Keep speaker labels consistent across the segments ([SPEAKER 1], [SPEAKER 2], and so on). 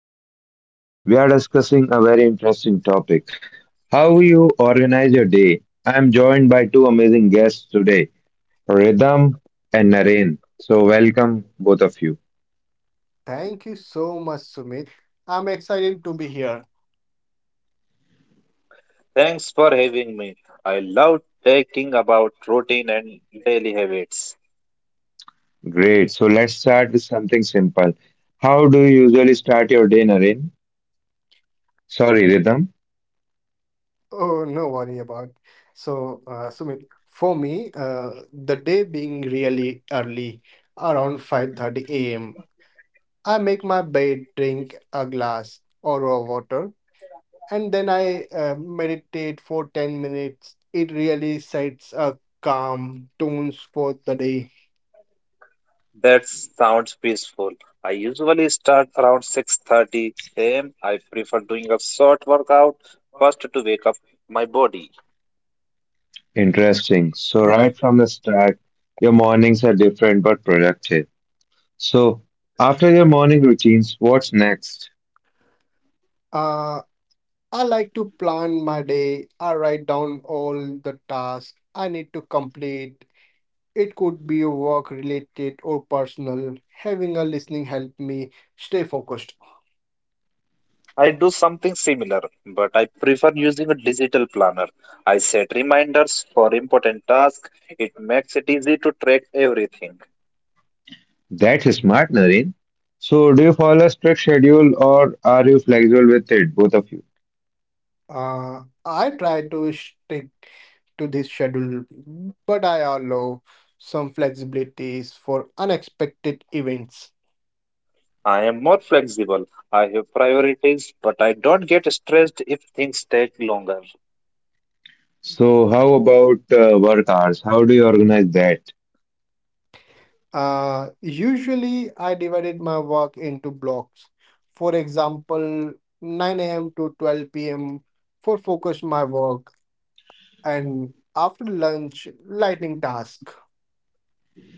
[SPEAKER 1] to today's session. We are discussing a very interesting topic, how you organize your day. I am joined by two amazing guests today, Rhythm and Naren. So welcome both of you.
[SPEAKER 2] Thank you so much, Sumit. I'm excited to be here.
[SPEAKER 3] Thanks for having me. I love talking about routine and daily habits.
[SPEAKER 1] Great. So let's start with something simple. How do you usually start your day, Naren? Sorry, Rhythm.
[SPEAKER 2] Oh, no worry about. So, Sumit, for me, the day being really early, around 5:30 a.m., I make my bed, drink a glass or raw water, and then I meditate for 10 minutes. It really sets a calm tones for the day.
[SPEAKER 3] That sounds peaceful. I usually start around 6:30 a.m. I prefer doing a short workout first to wake up my body.
[SPEAKER 1] Interesting. So right from the start, your mornings are different but productive. So after your morning routines, what's next?
[SPEAKER 2] Uh, I like to plan my day. I write down all the tasks I need to complete. It could be work related or personal. Having a listening help me stay focused.
[SPEAKER 3] I do something similar, but I prefer using a digital planner. I set reminders for important tasks. It makes it easy to track everything.
[SPEAKER 1] That's smart, Naren. So do you follow a strict schedule, or are you flexible with it, both of you?
[SPEAKER 2] I try to stick to this schedule, but I allow some flexibilities for unexpected events.
[SPEAKER 3] I am more flexible. I have priorities, but I don't get stressed if things take longer.
[SPEAKER 1] So how about work hours? How do you organize that?
[SPEAKER 2] Usually, I divided my work into blocks. For example, 9 a.m. to 12 p.m. for focus my work, and after lunch, lightning task.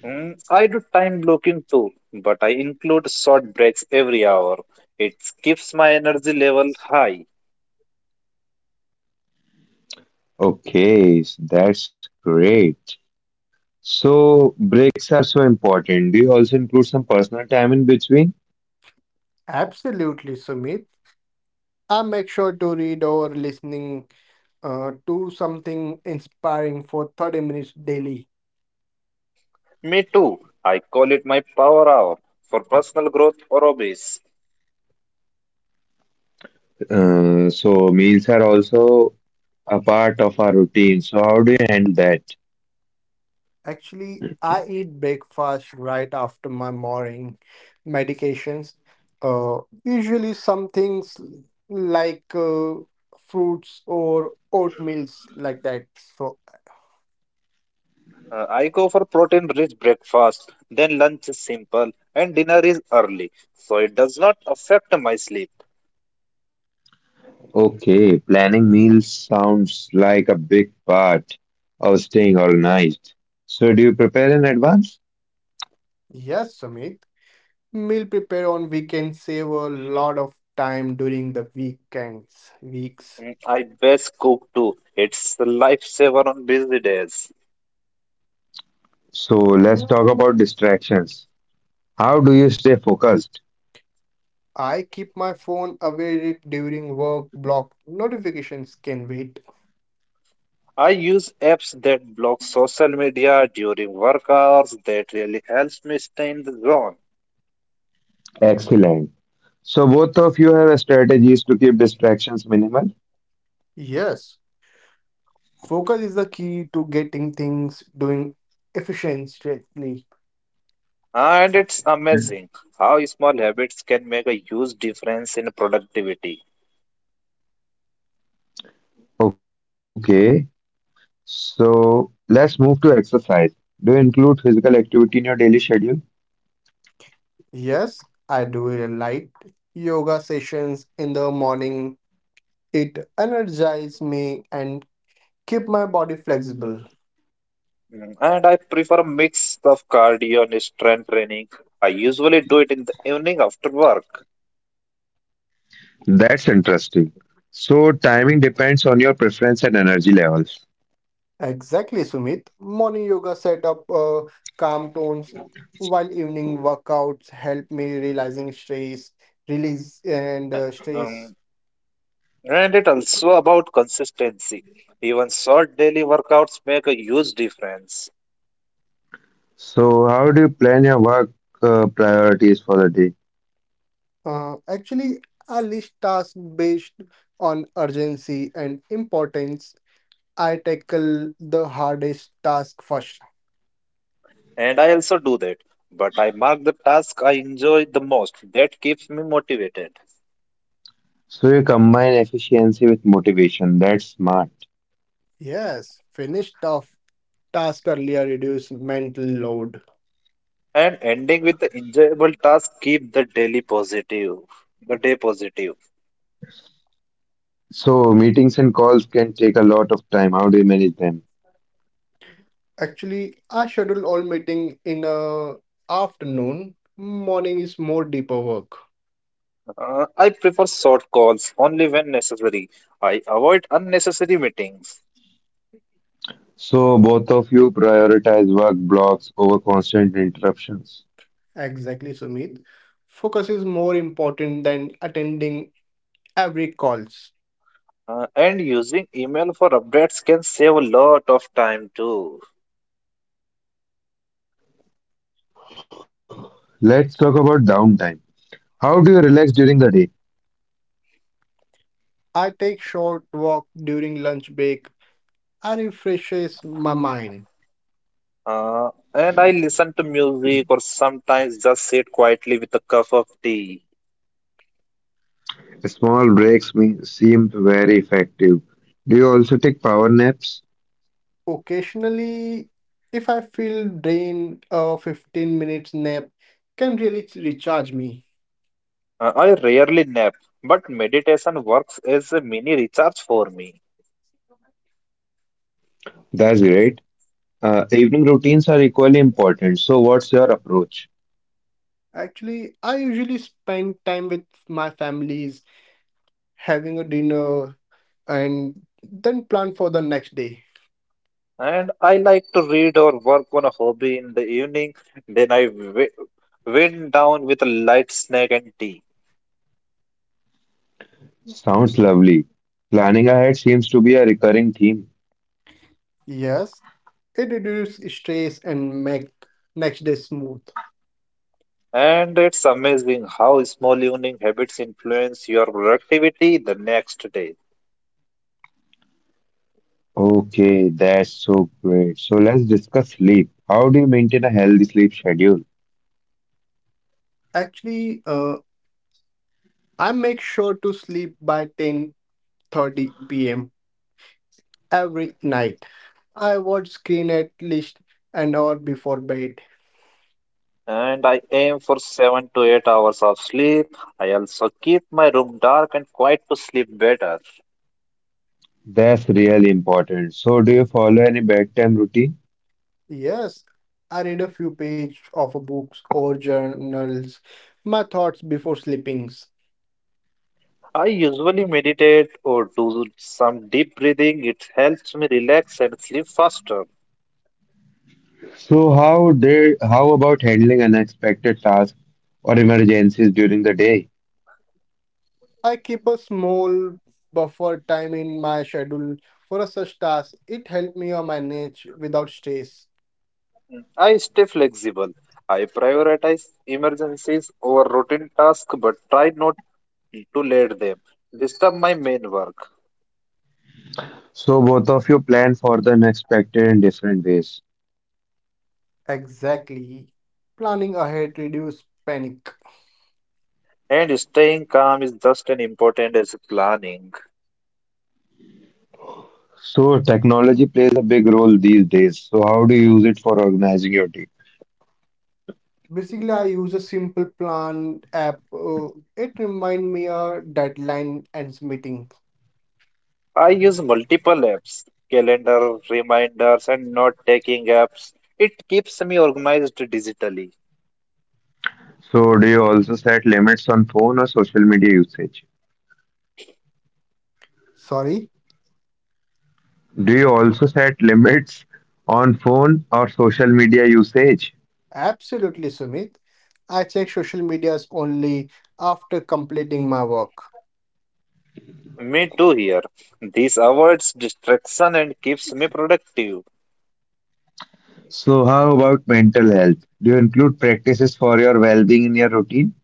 [SPEAKER 3] Mm, I do time blocking too, but I include short breaks every hour. It keeps my energy level high.
[SPEAKER 1] Okay, that's great. So breaks are so important. Do you also include some personal time in between?
[SPEAKER 2] Absolutely, Sumit. I make sure to read or listening to something inspiring for 30 minutes daily.
[SPEAKER 3] Me too. I call it my power hour for personal growth or hobbies.
[SPEAKER 1] So meals are also a part of our routine. So how do you handle that?
[SPEAKER 2] Actually, I eat breakfast right after my morning medications. Uh, Usually some things like fruits or oatmeals like that. So
[SPEAKER 3] I go for protein rich breakfast, then lunch is simple, and dinner is early, so it does not affect my sleep.
[SPEAKER 1] Okay, planning meals sounds like a big part of staying organized. So do you prepare in advance?
[SPEAKER 2] yes, Sumit, meal prepare on weekends save a lot of time during the weekends weeks.
[SPEAKER 3] Mm, I best cook too. It's a lifesaver on busy days.
[SPEAKER 1] So let's talk about distractions. How do you stay focused?
[SPEAKER 2] I keep my phone away during work block. Notifications can wait.
[SPEAKER 3] I use apps that block social media during work hours. That really helps me stay in the zone.
[SPEAKER 1] Excellent. So both of you have strategies to keep distractions minimal?
[SPEAKER 2] Yes, focus is the key to getting things doing efficiently.
[SPEAKER 3] And it's amazing how small habits can make a huge difference in productivity.
[SPEAKER 1] Okay, so let's move to exercise. Do you include physical activity in your daily schedule?
[SPEAKER 2] Yes, I do a light yoga sessions in the morning. It energizes me and keep my body flexible.
[SPEAKER 3] Mm, and I prefer a mix of cardio and strength training. I usually do it in the evening after work.
[SPEAKER 1] That's interesting. So timing depends on your preference and energy levels.
[SPEAKER 2] Exactly, Sumit. Morning yoga set up calm tones, while evening workouts help me realizing stress, release and
[SPEAKER 3] I,
[SPEAKER 2] stress.
[SPEAKER 3] um, and it also about consistency. Even short daily workouts make a huge difference.
[SPEAKER 1] So how do you plan your work priorities for the day?
[SPEAKER 2] Actually, I list tasks based on urgency and importance. I tackle the hardest task first.
[SPEAKER 3] And I also do that. But I mark the task I enjoy the most. That keeps me motivated.
[SPEAKER 1] So you combine efficiency with motivation. That's smart.
[SPEAKER 2] Yes, finish tough task earlier reduce mental load.
[SPEAKER 3] And ending with the enjoyable task keep the daily positive. The day positive.
[SPEAKER 1] So meetings and calls can take a lot of time. How do you manage them?
[SPEAKER 2] Actually, I schedule all meeting in a afternoon. Morning is more deeper work.
[SPEAKER 3] I prefer short calls only when necessary. I avoid unnecessary meetings.
[SPEAKER 1] So both of you prioritize work blocks over constant interruptions.
[SPEAKER 2] Exactly, Sumit. Focus is more important than attending every calls.
[SPEAKER 3] And using email for updates can save a lot of time too.
[SPEAKER 1] Let's talk about downtime. How do you relax during the day?
[SPEAKER 2] I take short walk during lunch break. I refreshes my mind.
[SPEAKER 3] And I listen to music or sometimes just sit quietly with a cup of tea.
[SPEAKER 1] Small seem very effective. Do you also take power naps?
[SPEAKER 2] Occasionally, if I feel drained, a 15 minutes nap can really recharge me.
[SPEAKER 3] I rarely nap, but meditation works as a mini recharge for me.
[SPEAKER 1] That's great. Evening routines are equally important. So what's your approach?
[SPEAKER 2] Actually, I usually spend time with my families, having a dinner, and then plan for the next day.
[SPEAKER 3] And I like to read or work on a hobby in the evening. Then wind down with a light snack and tea.
[SPEAKER 1] Sounds lovely. Planning ahead seems to be a recurring theme.
[SPEAKER 2] Yes, it reduces stress and make next day smooth.
[SPEAKER 3] And it's amazing how small evening habits influence your productivity the next day.
[SPEAKER 1] Okay, that's so great. So let's discuss sleep. How do you maintain a healthy sleep schedule?
[SPEAKER 2] Actually, I make sure to sleep by 10:30 p.m. every night. I watch screen at least an hour before bed.
[SPEAKER 3] And I aim for 7 to 8 hours of sleep. I also keep my room dark and quiet to sleep better.
[SPEAKER 1] That's really important. So do you follow any bedtime routine?
[SPEAKER 2] Yes, I read a few pages of books or journals, my thoughts before sleepings.
[SPEAKER 3] I usually meditate or do some deep breathing. It helps me relax and sleep faster.
[SPEAKER 1] So how about handling unexpected tasks or emergencies during the day?
[SPEAKER 2] I keep a small buffer time in my schedule for a such task. It helped me on manage without stress.
[SPEAKER 3] I stay flexible. I prioritize emergencies over routine tasks but try not to let them disturb my main work.
[SPEAKER 1] So both of you plan for the unexpected in different ways.
[SPEAKER 2] Exactly. Planning ahead reduce panic.
[SPEAKER 3] And staying calm is just as important as planning.
[SPEAKER 1] So technology plays a big role these days. So how do you use it for organizing your day?
[SPEAKER 2] Basically, I use a simple plan app. It remind me a deadline and meeting.
[SPEAKER 3] I use multiple apps, calendar, reminders, and note taking apps. It keeps me organized digitally.
[SPEAKER 1] So, do you also set limits on phone or social media usage?
[SPEAKER 2] Sorry.
[SPEAKER 1] Do you also set limits on phone or social media usage?
[SPEAKER 2] Absolutely, Sumit. I check social medias only after completing my work.
[SPEAKER 3] Me too here. This avoids distraction and keeps me productive.
[SPEAKER 1] So how about mental health? Do you include practices for your well being in your routine?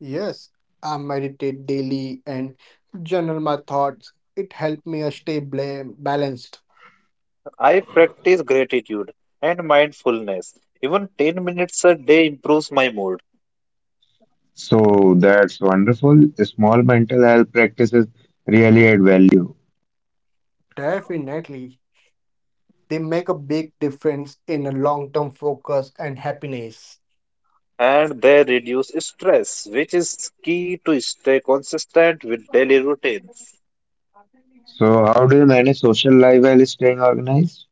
[SPEAKER 2] Yes, I meditate daily and journal my thoughts. It helps me stay balanced.
[SPEAKER 3] I practice gratitude and mindfulness. Even 10 minutes a day improves my mood,
[SPEAKER 1] So that's wonderful. Small mental health practices really add value.
[SPEAKER 2] Definitely, they make a big difference in a long-term focus and happiness.
[SPEAKER 3] and they reduce stress, which is key to stay consistent with daily routines.
[SPEAKER 1] So how do you manage social life while staying organized?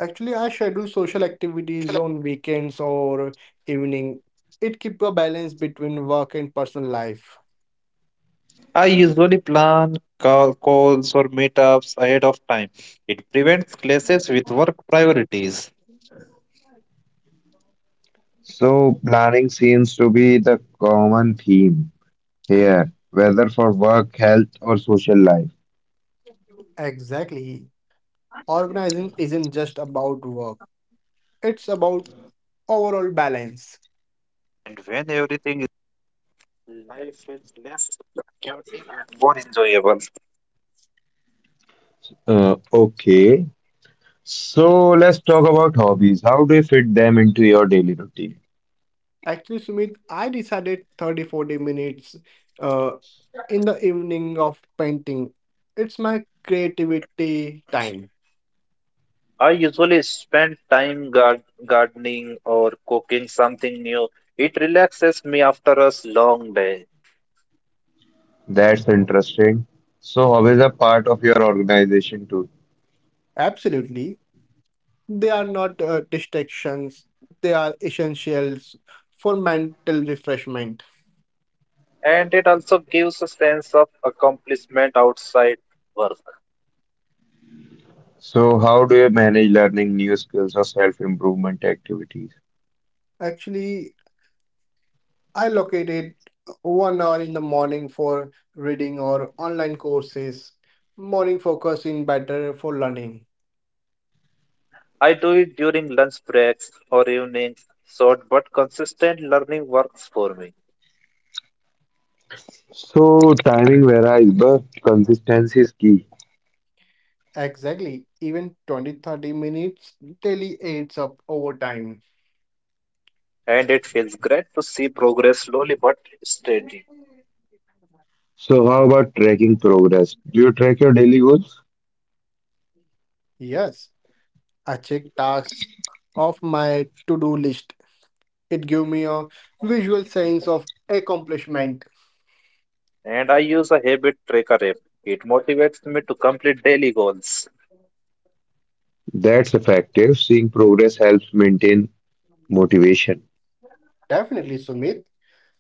[SPEAKER 2] Actually, I schedule social activities on weekends or evening. It keeps a balance between work and personal life.
[SPEAKER 3] I usually plan calls or meetups ahead of time. It prevents clashes with work priorities.
[SPEAKER 1] So planning seems to be the common theme here, whether for work, health, or social life.
[SPEAKER 2] Exactly. Organizing isn't just about work, it's about overall balance.
[SPEAKER 3] And when everything is, life feels less chaotic and more enjoyable.
[SPEAKER 1] Okay. So let's talk about hobbies. How do you fit them into your daily routine?
[SPEAKER 2] Actually, Sumit, I decided 30, 40 minutes uh, in the evening of painting. It's my creativity time.
[SPEAKER 3] I usually spend time gardening or cooking something new. It relaxes me after a long day,
[SPEAKER 1] That's interesting. So hobbies are part of your organization too.
[SPEAKER 2] Absolutely. They are not distractions, they are essentials for mental refreshment.
[SPEAKER 3] and it also gives a sense of accomplishment outside work.
[SPEAKER 1] So how do you manage learning new skills or self-improvement activities?
[SPEAKER 2] Actually, I located 1 hour in the morning for reading or online courses, morning focus in better for learning.
[SPEAKER 3] I do it during lunch breaks or evenings, short but consistent learning works for me,
[SPEAKER 1] So timing varies, but consistency is key.
[SPEAKER 2] Exactly. Even 20, 30 minutes daily adds up over time.
[SPEAKER 3] and it feels great to see progress slowly but steady.
[SPEAKER 1] So how about tracking progress? Do you track your daily goals?
[SPEAKER 2] Yes, I check tasks off my to do list. It gives me a visual sense of accomplishment.
[SPEAKER 3] And I use a habit tracker app. It motivates me to complete daily goals,
[SPEAKER 1] That's effective. Seeing progress helps maintain motivation.
[SPEAKER 2] Definitely, Sumit.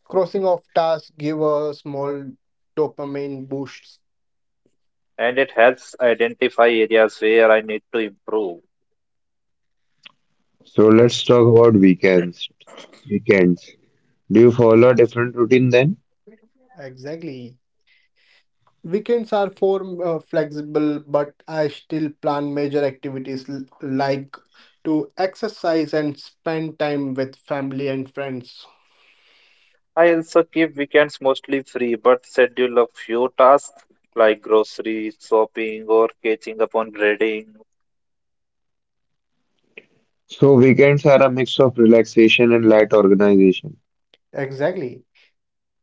[SPEAKER 2] Crossing off tasks give a small dopamine boosts.
[SPEAKER 3] and it helps identify areas where I need to improve.
[SPEAKER 1] So let's talk about weekends. Weekends. Do you follow a different routine then?
[SPEAKER 2] Exactly. Weekends are for flexible, but I still plan major activities like to exercise and spend time with family and friends.
[SPEAKER 3] I also keep weekends mostly free, but schedule a few tasks like grocery shopping or catching up on reading.
[SPEAKER 1] So weekends are a mix of relaxation and light organization.
[SPEAKER 2] Exactly.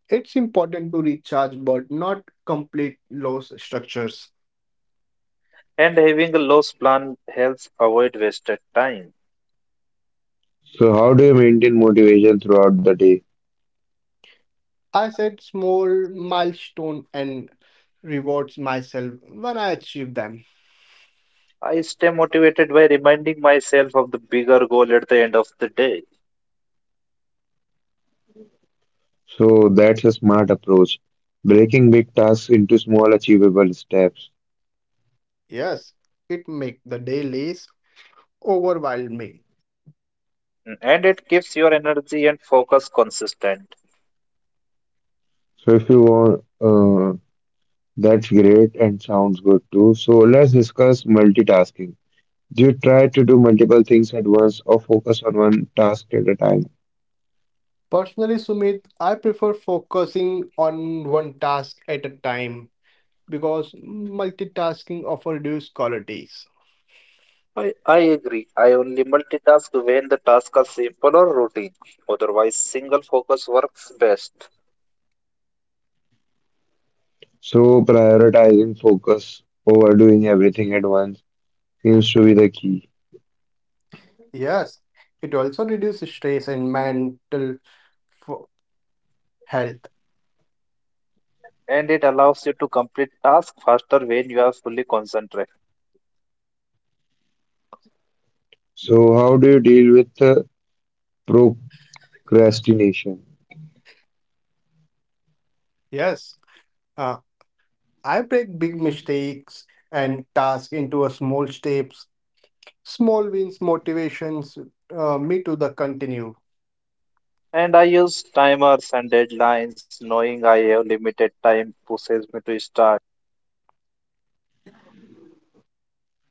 [SPEAKER 2] It's important to recharge but not complete loss structures.
[SPEAKER 3] And having a loose plan helps avoid wasted time.
[SPEAKER 1] So how do you maintain motivation throughout the day?
[SPEAKER 2] I set small milestone and rewards myself when I achieve them.
[SPEAKER 3] I stay motivated by reminding myself of the bigger goal at the end of the day,
[SPEAKER 1] So that's a smart approach, breaking big tasks into small achievable steps.
[SPEAKER 2] Yes, it make the day less overwhelming.
[SPEAKER 3] and it keeps your energy and focus consistent.
[SPEAKER 1] So if you want, That's great and sounds good too. So let's discuss multitasking. Do you try to do multiple things at once, or focus on one task at a time?
[SPEAKER 2] Personally, Sumit, I prefer focusing on one task at a time because multitasking often reduces qualities.
[SPEAKER 3] I agree. I only multitask when the tasks are simple or routine. Otherwise, single focus works best.
[SPEAKER 1] So prioritizing focus over doing everything at once seems to be the key.
[SPEAKER 2] Yes, it also reduces stress and mental fo- health.
[SPEAKER 3] And it allows you to complete tasks faster when you are fully concentrated.
[SPEAKER 1] So how do you deal with procrastination?
[SPEAKER 2] Yes, uh, I break big mistakes and tasks into a small steps. Small wins motivations me to the continue.
[SPEAKER 3] And I use timers and deadlines, knowing I have limited time pushes me to start.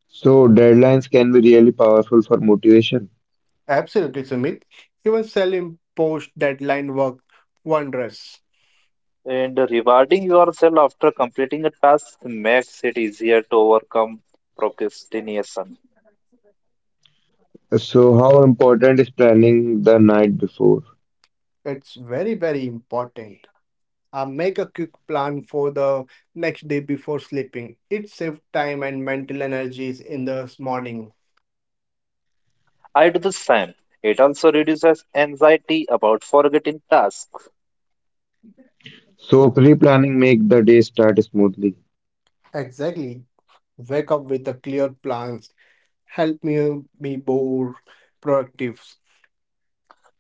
[SPEAKER 1] So deadlines can be really powerful for motivation.
[SPEAKER 2] Absolutely, Sumit. Even self-imposed deadline work wonders.
[SPEAKER 3] And rewarding yourself after completing a task makes it easier to overcome procrastination.
[SPEAKER 1] So how important is planning the night before?
[SPEAKER 2] It's very, very important. I make a quick plan for the next day before sleeping. It saves time and mental energies in the morning.
[SPEAKER 3] I do the same. It also reduces anxiety about forgetting tasks,
[SPEAKER 1] So pre-planning make the day start smoothly.
[SPEAKER 2] Exactly. Wake up with a clear plans. Help me be more productive.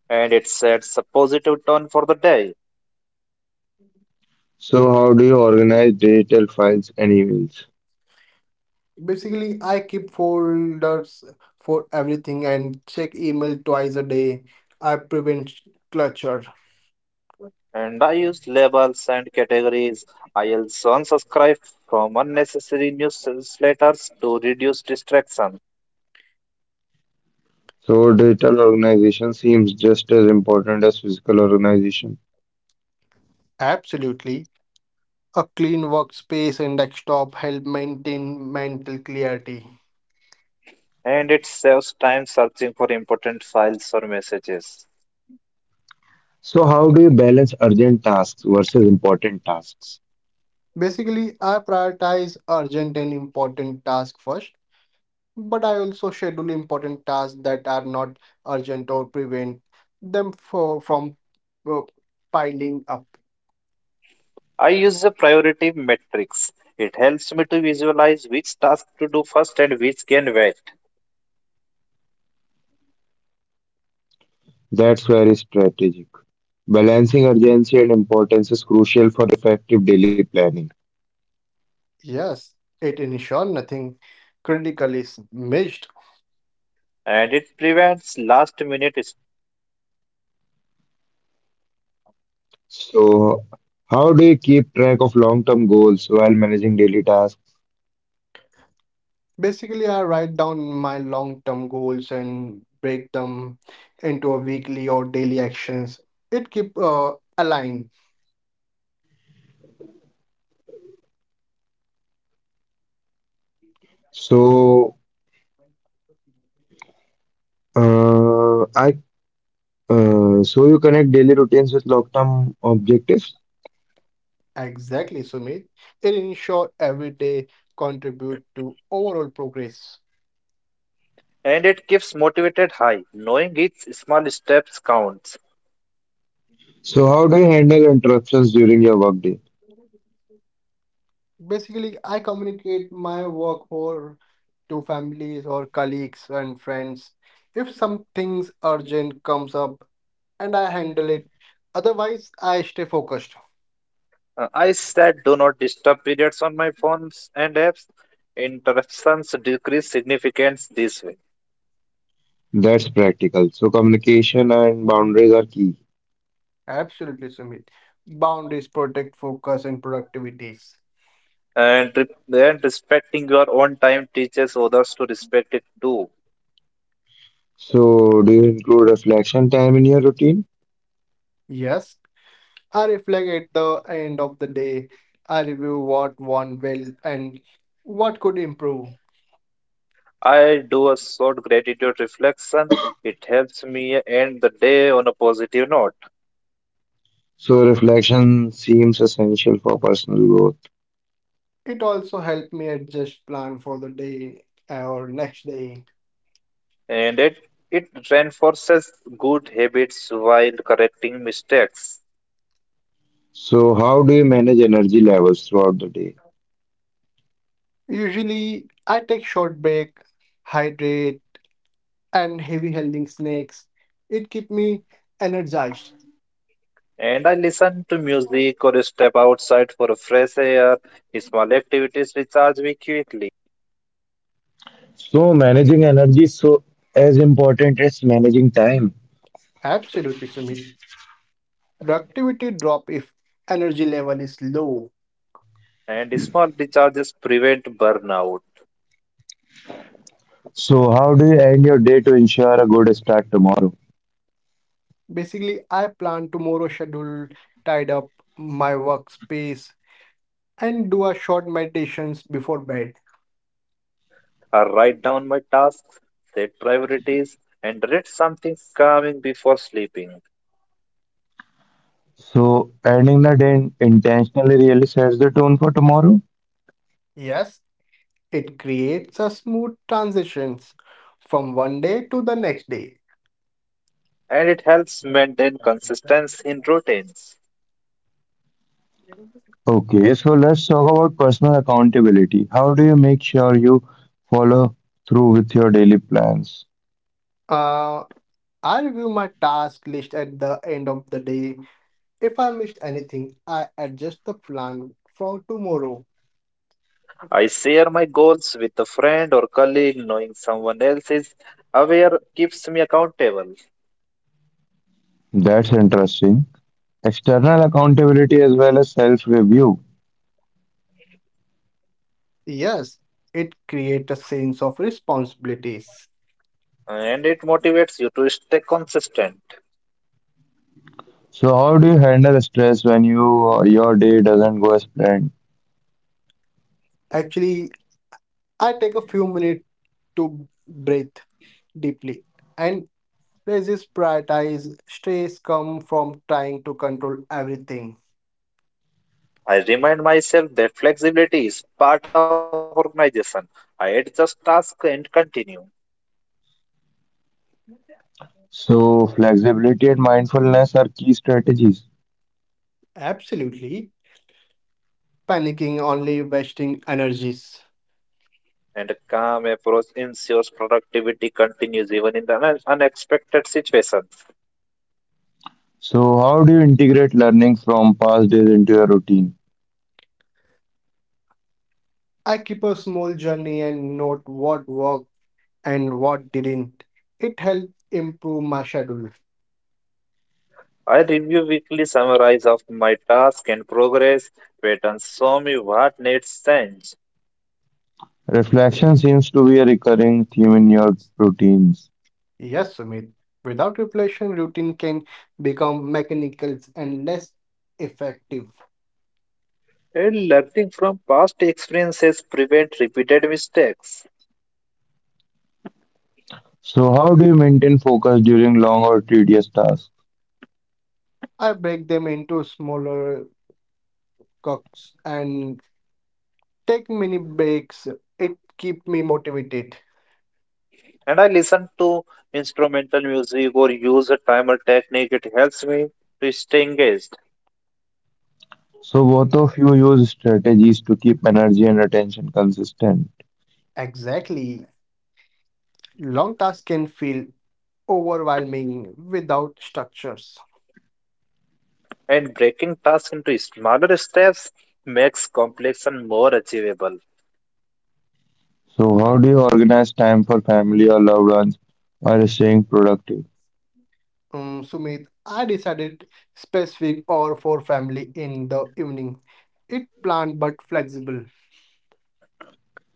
[SPEAKER 3] and it sets a positive tone for the day.
[SPEAKER 1] So how do you organize digital files and emails?
[SPEAKER 2] Basically, I keep folders for everything and check email twice a day. I prevent clutter.
[SPEAKER 3] And I use labels and categories. I also unsubscribe from unnecessary newsletters to reduce distraction,
[SPEAKER 1] So digital organization seems just as important as physical organization.
[SPEAKER 2] Absolutely. A clean workspace and desktop help maintain mental clarity.
[SPEAKER 3] and it saves time searching for important files or messages.
[SPEAKER 1] So how do you balance urgent tasks versus important tasks?
[SPEAKER 2] Basically, I prioritize urgent and important tasks first, but I also schedule important tasks that are not urgent or prevent them for, from uh, piling up.
[SPEAKER 3] I use a priority matrix. It helps me to visualize which task to do first and which can wait,
[SPEAKER 1] That's very strategic. Balancing urgency and importance is crucial for effective daily planning.
[SPEAKER 2] Yes, it ensures nothing critical is missed.
[SPEAKER 3] and it prevents last minute,
[SPEAKER 1] So how do you keep track of long-term goals while managing daily tasks?
[SPEAKER 2] Basically, I write down my long-term goals and break them into a weekly or daily actions. It keep aligned.
[SPEAKER 1] So, uh, I so you connect daily routines with long-term objectives.
[SPEAKER 2] Exactly, Sumit. It ensure every day contribute to overall progress.
[SPEAKER 3] and it keeps motivated high, knowing each small steps counts.
[SPEAKER 1] So how do you handle interruptions during your workday?
[SPEAKER 2] Basically, I communicate my work or to families or colleagues and friends. If something's urgent comes up and I handle it, otherwise I stay focused.
[SPEAKER 3] I set do not disturb periods on my phones and apps. Interruptions decrease significance this way.
[SPEAKER 1] That's practical. So communication and boundaries are key.
[SPEAKER 2] Absolutely, Sumit. Boundaries protect focus and productivities.
[SPEAKER 3] And respecting your own time teaches others to respect it too.
[SPEAKER 1] So do you include reflection time in your routine?
[SPEAKER 2] Yes, I reflect at the end of the day. I review what went well and what could improve.
[SPEAKER 3] I do a short gratitude reflection. It helps me end the day on a positive note.
[SPEAKER 1] So reflection seems essential for personal growth.
[SPEAKER 2] It also helped me adjust plan for the day or next day.
[SPEAKER 3] And it reinforces good habits while correcting mistakes.
[SPEAKER 1] So how do you manage energy levels throughout the day?
[SPEAKER 2] Usually, I take short break, hydrate, and heavy holding snacks. It keep me energized.
[SPEAKER 3] And I listen to music or step outside for a fresh air. Small activities recharge me quickly.
[SPEAKER 1] So managing energy is so as important as managing time.
[SPEAKER 2] Absolutely, Sumit. Productivity drop if energy level is low.
[SPEAKER 3] And small recharges prevent burnout.
[SPEAKER 1] So how do you end your day to ensure a good start tomorrow?
[SPEAKER 2] Basically, I plan tomorrow schedule, tied up my workspace, and do a short meditations before bed.
[SPEAKER 3] I write down my tasks, set priorities, and read something calming before sleeping.
[SPEAKER 1] So ending the day intentionally really sets the tone for tomorrow.
[SPEAKER 2] Yes, it creates a smooth transitions from one day to the next day.
[SPEAKER 3] And it helps maintain consistency in routines.
[SPEAKER 1] Okay, so let's talk about personal accountability. How do you make sure you follow through with your daily plans?
[SPEAKER 2] Uh, I review my task list at the end of the day. If I missed anything, I adjust the plan for tomorrow.
[SPEAKER 3] I share my goals with a friend or colleague, knowing someone else is aware keeps me accountable,
[SPEAKER 1] That's interesting. External accountability as well as self review.
[SPEAKER 2] Yes, it creates a sense of responsibilities.
[SPEAKER 3] and it motivates you to stay consistent.
[SPEAKER 1] So how do you handle stress when your day doesn't go as planned?
[SPEAKER 2] Actually, I take a few minutes to breathe deeply and resist prioritize stress come from trying to control everything.
[SPEAKER 3] I remind myself that flexibility is part of organization. I adjust tasks and continue.
[SPEAKER 1] So flexibility and mindfulness are key strategies.
[SPEAKER 2] Absolutely. Panicking only wasting energies.
[SPEAKER 3] And a calm approach ensures productivity continues even in the unexpected situations.
[SPEAKER 1] So how do you integrate learning from past days into your routine?
[SPEAKER 2] I keep a small journey and note what worked and what didn't. It helps improve my schedule.
[SPEAKER 3] I review weekly summaries of my task and progress, patterns show me what needs change.
[SPEAKER 1] Reflection seems to be a recurring theme in your routines.
[SPEAKER 2] Yes, Sumit. Without reflection, routine can become mechanical and less effective.
[SPEAKER 3] And learning from past experiences prevent repeated mistakes.
[SPEAKER 1] So how do you maintain focus during long or tedious tasks?
[SPEAKER 2] I break them into smaller chunks and take mini breaks. It keep me motivated.
[SPEAKER 3] And I listen to instrumental music or use a timer technique. It helps me to stay engaged.
[SPEAKER 1] So both of you use strategies to keep energy and attention consistent.
[SPEAKER 2] Exactly. Long tasks can feel overwhelming without structures.
[SPEAKER 3] And breaking tasks into smaller steps makes complex and more achievable.
[SPEAKER 1] So how do you organize time for family or loved ones while staying productive?
[SPEAKER 2] Sumit, I decided specific or for family in the evening. It planned but flexible.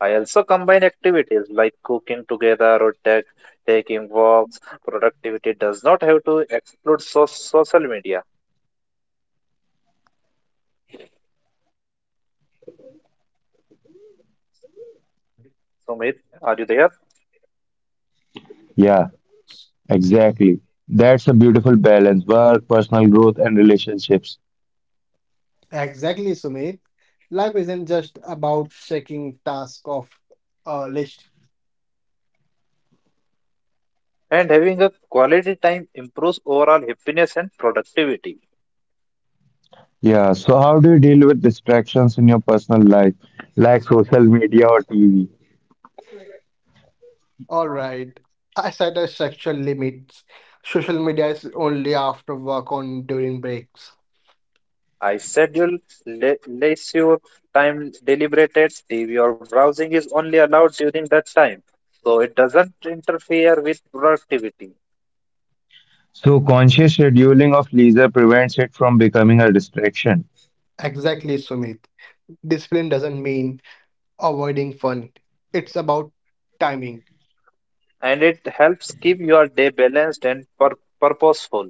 [SPEAKER 3] I also combine activities like cooking together or taking walks. Productivity does not have to exclude social media. Sumit, are you there?
[SPEAKER 1] Yeah, exactly. That's a beautiful balance, work, personal growth, and relationships.
[SPEAKER 2] Exactly, Sumit. Life isn't just about checking tasks off a list.
[SPEAKER 3] And having a quality time improves overall happiness and productivity.
[SPEAKER 1] Yeah, so how do you deal with distractions in your personal life, like social media or TV?
[SPEAKER 2] All right. I set a sexual limits. Social media is only after work on during breaks.
[SPEAKER 3] I schedule leisure time deliberated. TV or browsing is only allowed during that time, so it doesn't interfere with productivity.
[SPEAKER 1] So conscious scheduling of leisure prevents it from becoming a distraction.
[SPEAKER 2] Exactly, Sumit. Discipline doesn't mean avoiding fun. It's about timing.
[SPEAKER 3] And it helps keep your day balanced and purposeful.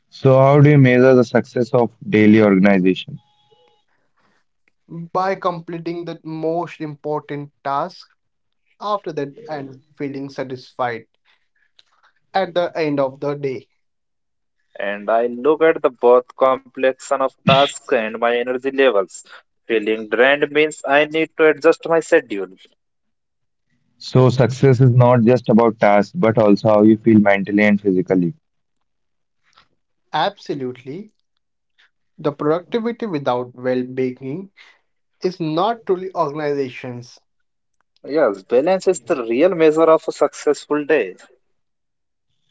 [SPEAKER 1] So how do you measure the success of daily organization?
[SPEAKER 2] By completing the most important task after that and feeling satisfied at the end of the day.
[SPEAKER 3] And I look at the both complexion of tasks and my energy levels. Feeling drained means I need to adjust my schedule.
[SPEAKER 1] So success is not just about tasks, but also how you feel mentally and physically.
[SPEAKER 2] Absolutely. The productivity without well being is not truly organizations.
[SPEAKER 3] Yes, balance is the real measure of a successful day.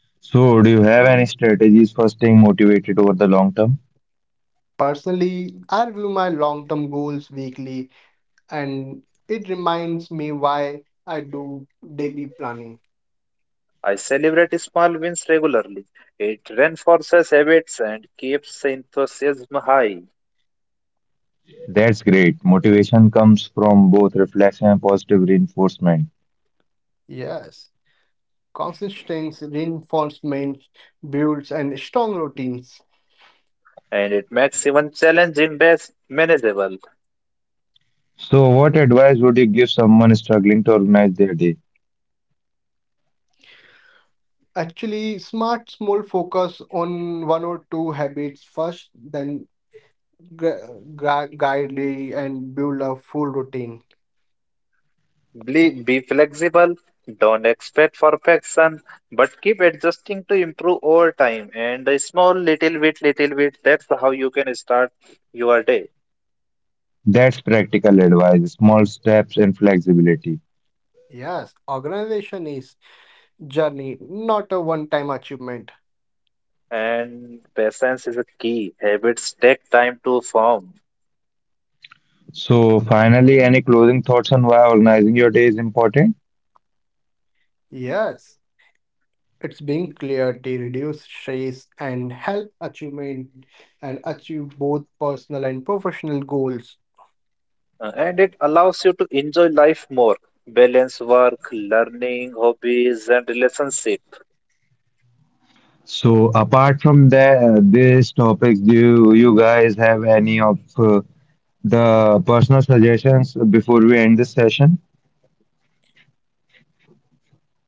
[SPEAKER 1] So do you have any strategies for staying motivated over the long term?
[SPEAKER 2] Personally, I review my long term goals weekly and it reminds me why I do daily planning.
[SPEAKER 3] I celebrate small wins regularly. It reinforces habits and keeps enthusiasm high,
[SPEAKER 1] That's great. Motivation comes from both reflection and positive reinforcement.
[SPEAKER 2] Yes, consistent reinforcement builds and strong routines.
[SPEAKER 3] and it makes even challenging days manageable.
[SPEAKER 1] So what advice would you give someone struggling to organize their day?
[SPEAKER 2] Actually, smart small focus on one or two habits first, then guidely and build a full routine.
[SPEAKER 3] Be flexible, don't expect perfection, but keep adjusting to improve over time. And a small little bit, that's how you can start your day.
[SPEAKER 1] That's practical advice, small steps, and flexibility.
[SPEAKER 2] Yes, organization is journey, not a one time achievement.
[SPEAKER 3] And patience is a key. Habits take time to form,
[SPEAKER 1] So finally, any closing thoughts on why organizing your day is important?
[SPEAKER 2] Yes. It's being clarity, reduce stress, and help achievement and achieve both personal and professional goals.
[SPEAKER 3] and it allows you to enjoy life more. Balance work, learning, hobbies, and relationship.
[SPEAKER 1] So apart from that, these topics, do you guys have any of the personal suggestions before we end this session?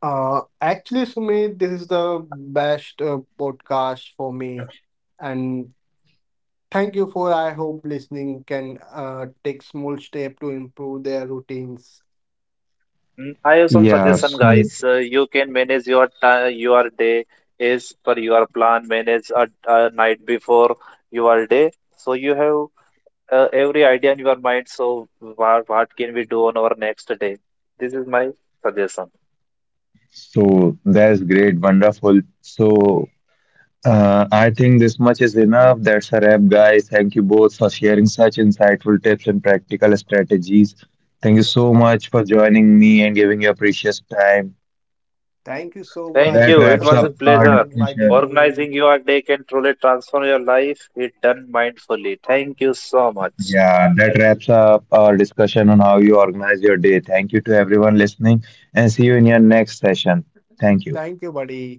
[SPEAKER 2] Actually, Sumit, this is the best podcast for me, and thank you for. I hope listening can take small step to improve their routines.
[SPEAKER 3] Mm, I have some suggestion,
[SPEAKER 1] Yes.
[SPEAKER 3] guys. You can manage your time, your day is per your plan. Manage a night before your day, so you have every idea in your mind. So what can we do on our next day? This is my suggestion.
[SPEAKER 1] So that's great, wonderful. So I think this much is enough. That's a wrap, guys. Thank you both for sharing such insightful tips and practical strategies. Thank you so much for joining me and giving your precious time.
[SPEAKER 2] Thank you so much,
[SPEAKER 3] Thank
[SPEAKER 1] That
[SPEAKER 3] you. It
[SPEAKER 1] wraps
[SPEAKER 3] was a
[SPEAKER 1] up
[SPEAKER 2] Sumit,
[SPEAKER 1] our
[SPEAKER 2] for
[SPEAKER 3] pleasure.
[SPEAKER 2] inviting
[SPEAKER 1] discussion.
[SPEAKER 2] me.
[SPEAKER 3] Organizing your day can truly transform your life if done mindfully. Thank you so much.
[SPEAKER 1] Yeah, that wraps up our discussion on how you organize your day. Thank you to everyone listening, and see you in your next session. Thank you.
[SPEAKER 2] Thank you, buddy.